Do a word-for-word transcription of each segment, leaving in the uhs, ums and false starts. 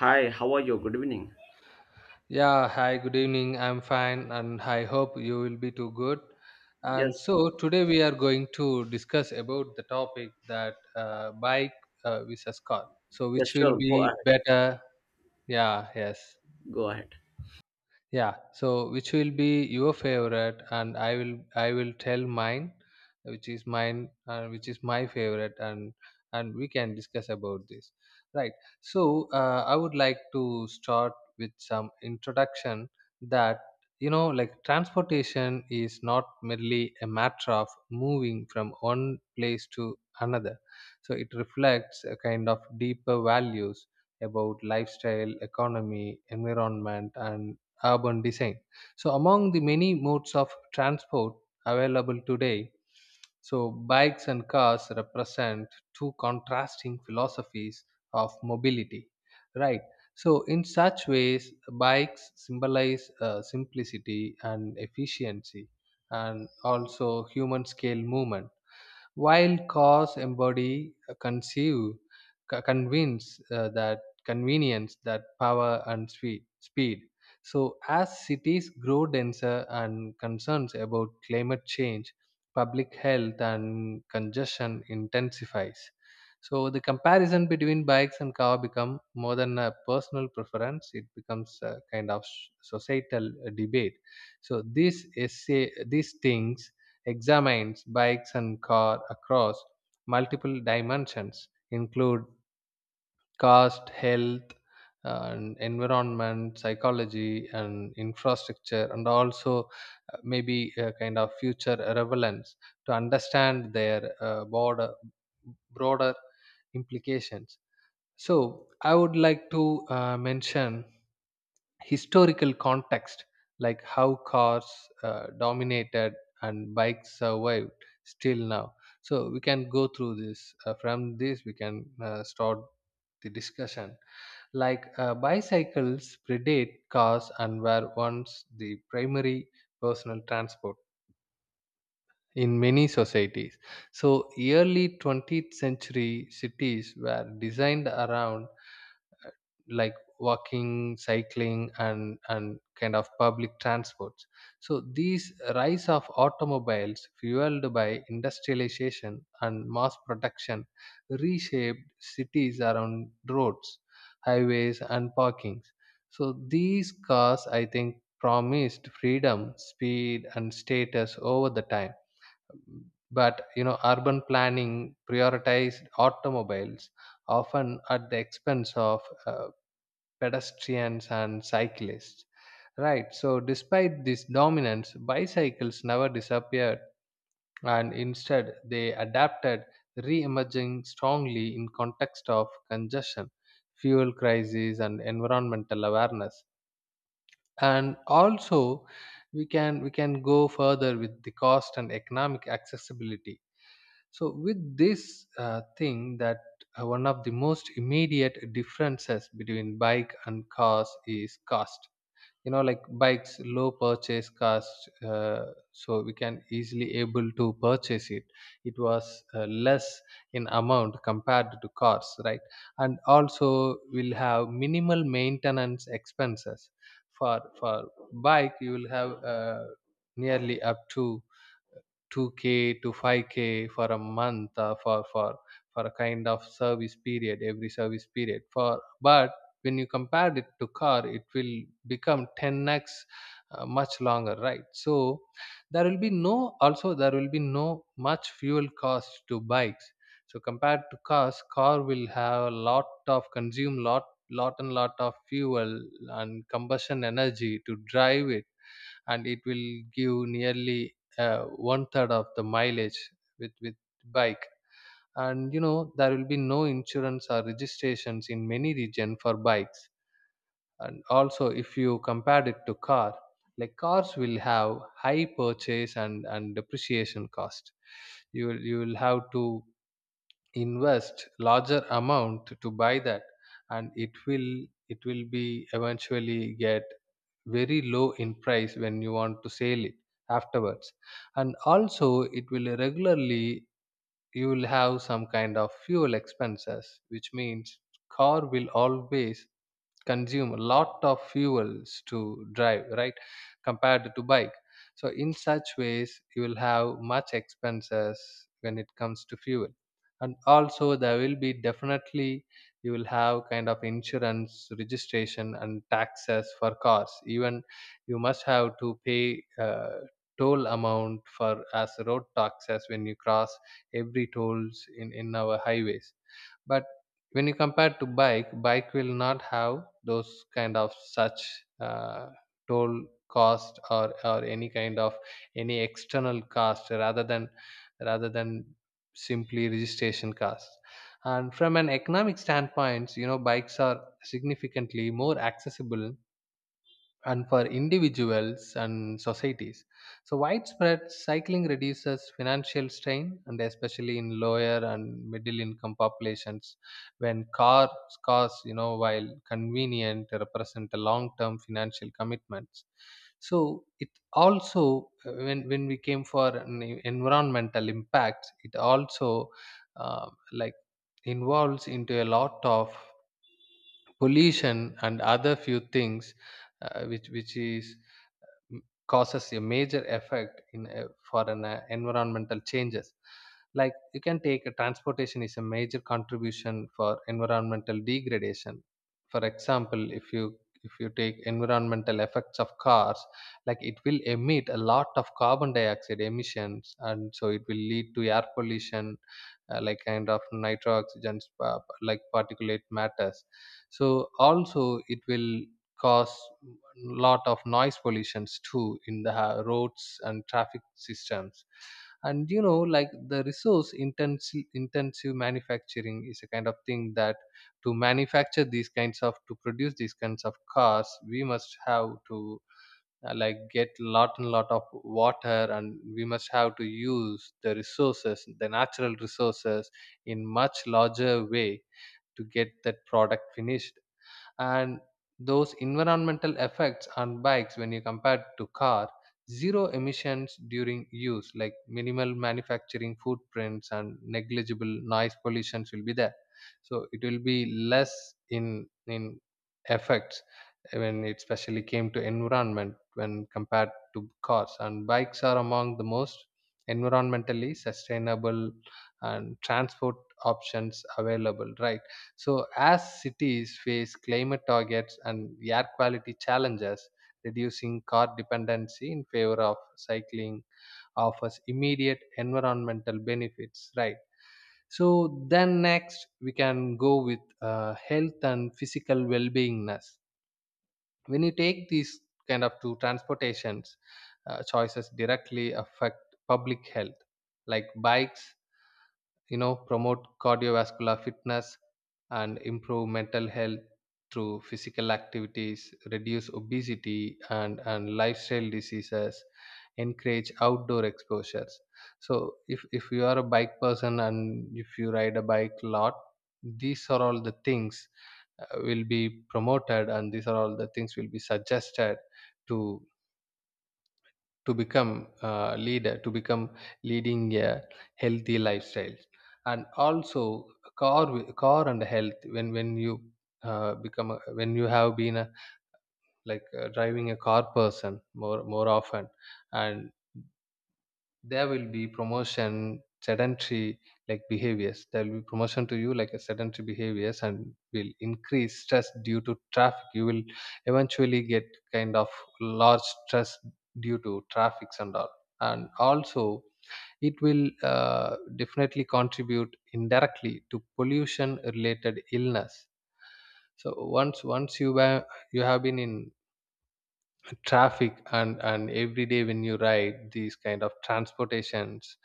Hi, how are you? Good evening. Yeah, hi, good evening. I'm fine and I hope you will be too good. And Yes, so today we are going to discuss about the topic that uh, bike uh, versus car. So yes, which will sure. Go be ahead. better? Yeah, yes. Go ahead. Yeah, so which will be your favorite and I will I will tell mine, which is mine and which is my favorite, and and we can discuss about this. Right. So uh, I would like to start with some introduction that you know like transportation is not merely a matter of moving from one place to another. So it reflects a kind of deeper values about lifestyle, economy, environment and urban design. So among the many modes of transport available today, so bikes and cars represent two contrasting philosophies of mobility, right? So in such ways, bikes symbolize uh, simplicity and efficiency and also human scale movement, while cause embody uh, conceive co- convince uh, that convenience, that power and speed speed So as cities grow denser and concerns about climate change, public health and congestion intensifies, so the comparison between bikes and car become more than a personal preference, it becomes a kind of s- societal uh, debate. So this essay these things examines bikes and car across multiple dimensions include cost, health and environment, psychology and infrastructure, and also uh, maybe a kind of future relevance to understand their uh, broader broader implications. So I would like to uh, mention historical context, like how cars uh, dominated and bikes survived still now. So we can go through this, uh, from this we can uh, start the discussion. Like uh, bicycles predate cars and were once the primary personal transport in many societies. So early twentieth century cities were designed around like walking, cycling and and kind of public transports. So these rise of automobiles fueled by industrialization and mass production reshaped cities around roads, highways and parkings. So these cars, I think, promised freedom, speed and status over the time, but you know, urban planning prioritized automobiles often at the expense of uh, pedestrians and cyclists. Right, so despite this dominance, bicycles never disappeared, and instead they adapted, re emerging strongly in context of congestion, fuel crisis, and environmental awareness. And also, we can we can go further with the cost and economic accessibility. So with this uh, thing that uh, one of the most immediate differences between bike and cars is cost. You know like bikes low purchase cost, uh, so we can easily able to purchase it, it was uh, less in amount compared to cars, right? And also will have minimal maintenance expenses for for bike. You will have uh, nearly up to two k to five k for a month, uh, for for for a kind of service period, every service period for. But when you compare it to car, it will become ten x, uh, much longer, right? So there will be no, also there will be no much fuel cost to bikes. So compared to cars, car will have a lot of consume lot lot and lot of fuel and combustion energy to drive it, and it will give nearly uh, one third of the mileage with with bike. And you know there will be no insurance or registrations in many region for bikes. And also if you compared it to car, like cars will have high purchase and and depreciation cost. You will you will have to invest larger amount to buy that, and it will it will be eventually get very low in price when you want to sell it afterwards. And also it will regularly, you will have some kind of fuel expenses, which means car will always consume a lot of fuels to drive, right? Compared to bike, so in such ways you will have much expenses when it comes to fuel. And also there will be definitely, you will have kind of insurance, registration and taxes for cars. Even you must have to pay uh, toll amount for as road taxes when you cross every tolls in in our highways. But when you compare to bike bike will not have those kind of such uh, toll cost or or any kind of any external cost rather than rather than simply registration cost. And from an economic standpoint you know, bikes are significantly more accessible and for individuals and societies. So widespread cycling reduces financial strain, and especially in lower and middle income populations, when cars, cars, you know, while convenient, represent a long term financial commitments. So it also, uh, when, when we came for an e- environmental impact, it also uh, like involves into a lot of pollution and other few things, uh, which which is m- causes a major effect in a, for an uh, environmental changes. Like you can take a transportation is a major contribution for environmental degradation. For example, if you if you take environmental effects of cars, like it will emit a lot of carbon dioxide emissions, and so it will lead to air pollution, uh, like kind of nitro oxygens, uh, like particulate matters. So also it will cause lot of noise pollutions too in the ha- roads and traffic systems. And you know like the resource intensive intensive manufacturing is a kind of thing that to manufacture these kinds of, to produce these kinds of cars, we must have to uh, like get lot and lot of water, and we must have to use the resources, the natural resources in much larger way to get that product finished. And those environmental effects on bikes when you compare to car, zero emissions during use, like minimal manufacturing footprints and negligible noise pollutions will be there. So it will be less in in effects when it especially came to environment when compared to cars. And bikes are among the most environmentally sustainable and transport options available, right? So as cities face climate targets and air quality challenges, reducing car dependency in favor of cycling offers immediate environmental benefits, right? So then next we can go with uh, health and physical well beingness. When you take these kind of two transportations, uh, choices directly affect public health. Like bikes, you know, promote cardiovascular fitness and improve mental health through physical activities, reduce obesity and and lifestyle diseases, encourage outdoor exposures. So if if you are a bike person and if you ride a bike a lot, these are all the things uh, will be promoted, and these are all the things will be suggested to to become a leader, to become leading a healthy lifestyle. And also car wi- car and health, when when you uh, become a, when you have been a, like uh, driving a car person more more often, and there will be promotion sedentary like behaviors, there will be promotion to you like a sedentary behaviors, and will increase stress due to traffic. You will eventually get kind of large stress due to traffics and all. And also it will uh, definitely contribute indirectly to pollution related illness. So once once you were, you have been in to traffic, and and every day when you ride these kind of transportations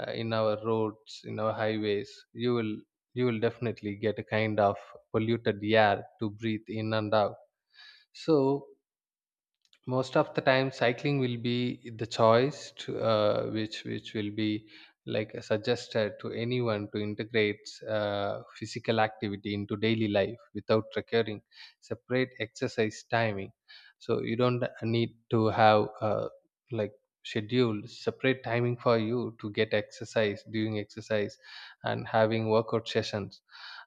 uh, in our roads, in our highways, you will you will definitely get a kind of polluted air to breathe in and out. So most of the time cycling will be the choice to, uh, which which will be like suggested to anyone to integrate uh, physical activity into daily life without requiring separate exercise timing. So you don't need to have uh, like schedule separate timing for you to get exercise, doing exercise and having workout sessions.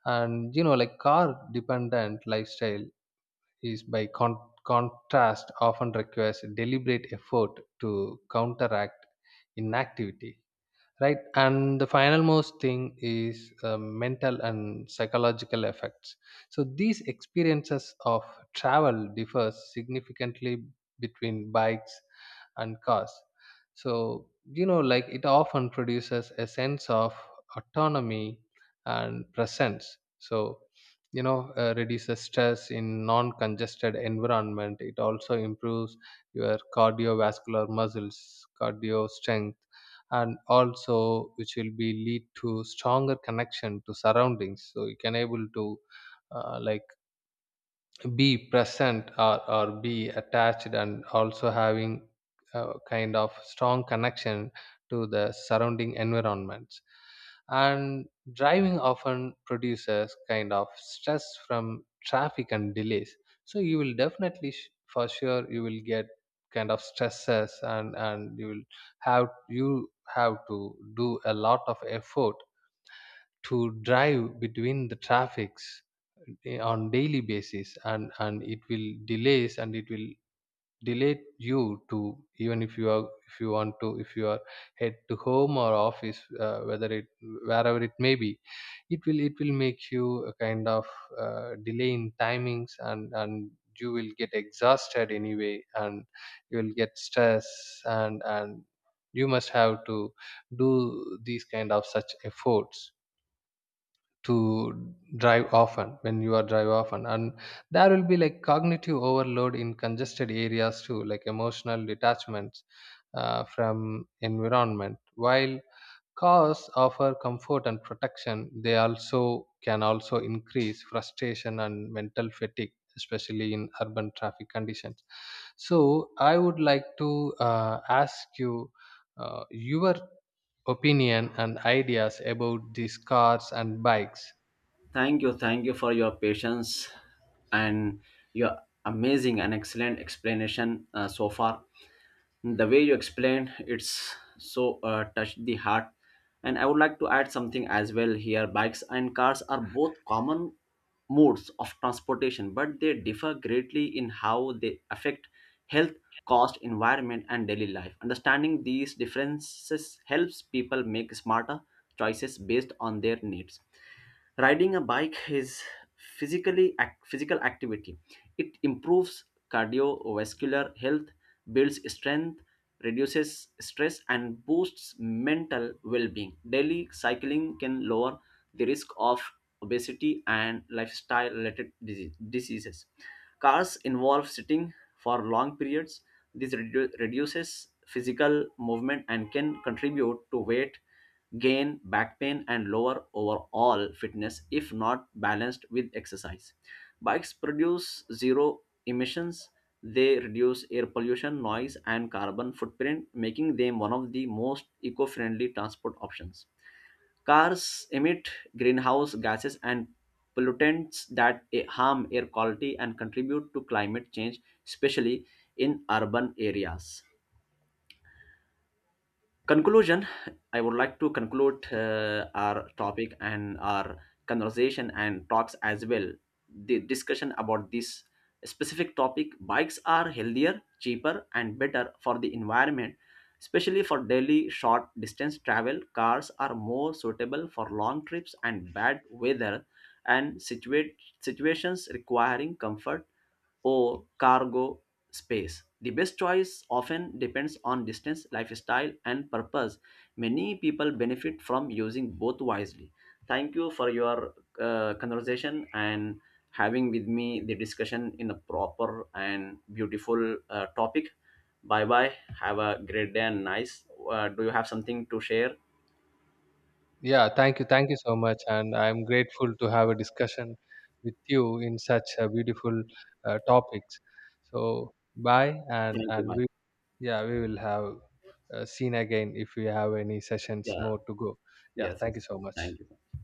And you know like car dependent lifestyle is by con- contrast often requires deliberate effort to counteract inactivity, right? And the final most thing is uh, mental and psychological effects. So these experiences of travel differs significantly between bikes and cars. So you know like it often produces a sense of autonomy and presence. So you know uh, reduces stress in non congested environment, it also improves your cardiovascular muscles cardio strength, and also which will be lead to stronger connection to surroundings. So you can able to uh, like be present, or, or be attached, and also having a kind of strong connection to the surrounding environments. And driving often produces kind of stress from traffic and delays. So you will definitely sh- for sure you will get kind of stresses, and and you will have, you have to do a lot of effort to drive between the traffics, eh, on daily basis, and and it will delays, and it will delay you to, even if you are, if you want to, if you are head to home or office, uh, whether it wherever it may be, it will it will make you a kind of uh, delay in timings. and and you will get exhausted anyway, and you will get stress, and and you must have to do these kind of such efforts to drive often when you are drive often. And there will be like cognitive overload in congested areas too, like emotional detachments uh, from environment. While cars offer comfort and protection, they also can also increase frustration and mental fatigue, especially in urban traffic conditions. So I would like to uh, ask you uh, your opinion and ideas about these cars and bikes. Thank you. Thank you for your patience and your amazing and excellent explanation uh, so far. The way you explained, it's so, uh, touched the heart, and I would like to add something as well here. Bikes and cars are both common modes of transportation, but they differ greatly in how they affect health, cost, environment, and daily life. Understanding these differences helps people make smarter choices based on their needs. Riding a bike is physically ac- physical activity. It improves cardiovascular health, builds strength, reduces stress, and boosts mental well-being. Daily cycling can lower the risk of obesity and lifestyle related diseases. Cars involve sitting for long periods. This redu- reduces physical movement and can contribute to weight gain, back pain, and lower overall fitness if not balanced with exercise. Bikes produce zero emissions. They reduce air pollution, noise, and carbon footprint, making them one of the most eco friendly transport options. Cars emit greenhouse gases and pollutants that eh, harm air quality and contribute to climate change, especially in urban areas. Conclusion: I would like to conclude uh, our topic and our conversation and talks as well, the discussion about this specific topic. Bikes are healthier, cheaper, and better for the environment, especially for daily short distance travel. Cars are more suitable for long trips and bad weather, and situate situations requiring comfort or cargo space. The best choice often depends on distance, lifestyle, and purpose. Many people benefit from using both wisely. Thank you for your uh, conversation and having with me the discussion in a proper and beautiful uh, topic. Bye bye. Have a great day and nice. Uh, do you have something to share? Yeah, thank you. Thank you so much. And I'm grateful to have a discussion with you in such a beautiful uh, topics. So bye. And, Thank you. and Bye. we, yeah, we will have uh, seen again if we have any sessions Yeah. more to go. Yeah. Yes. Thank you Yes. so much. Thank you.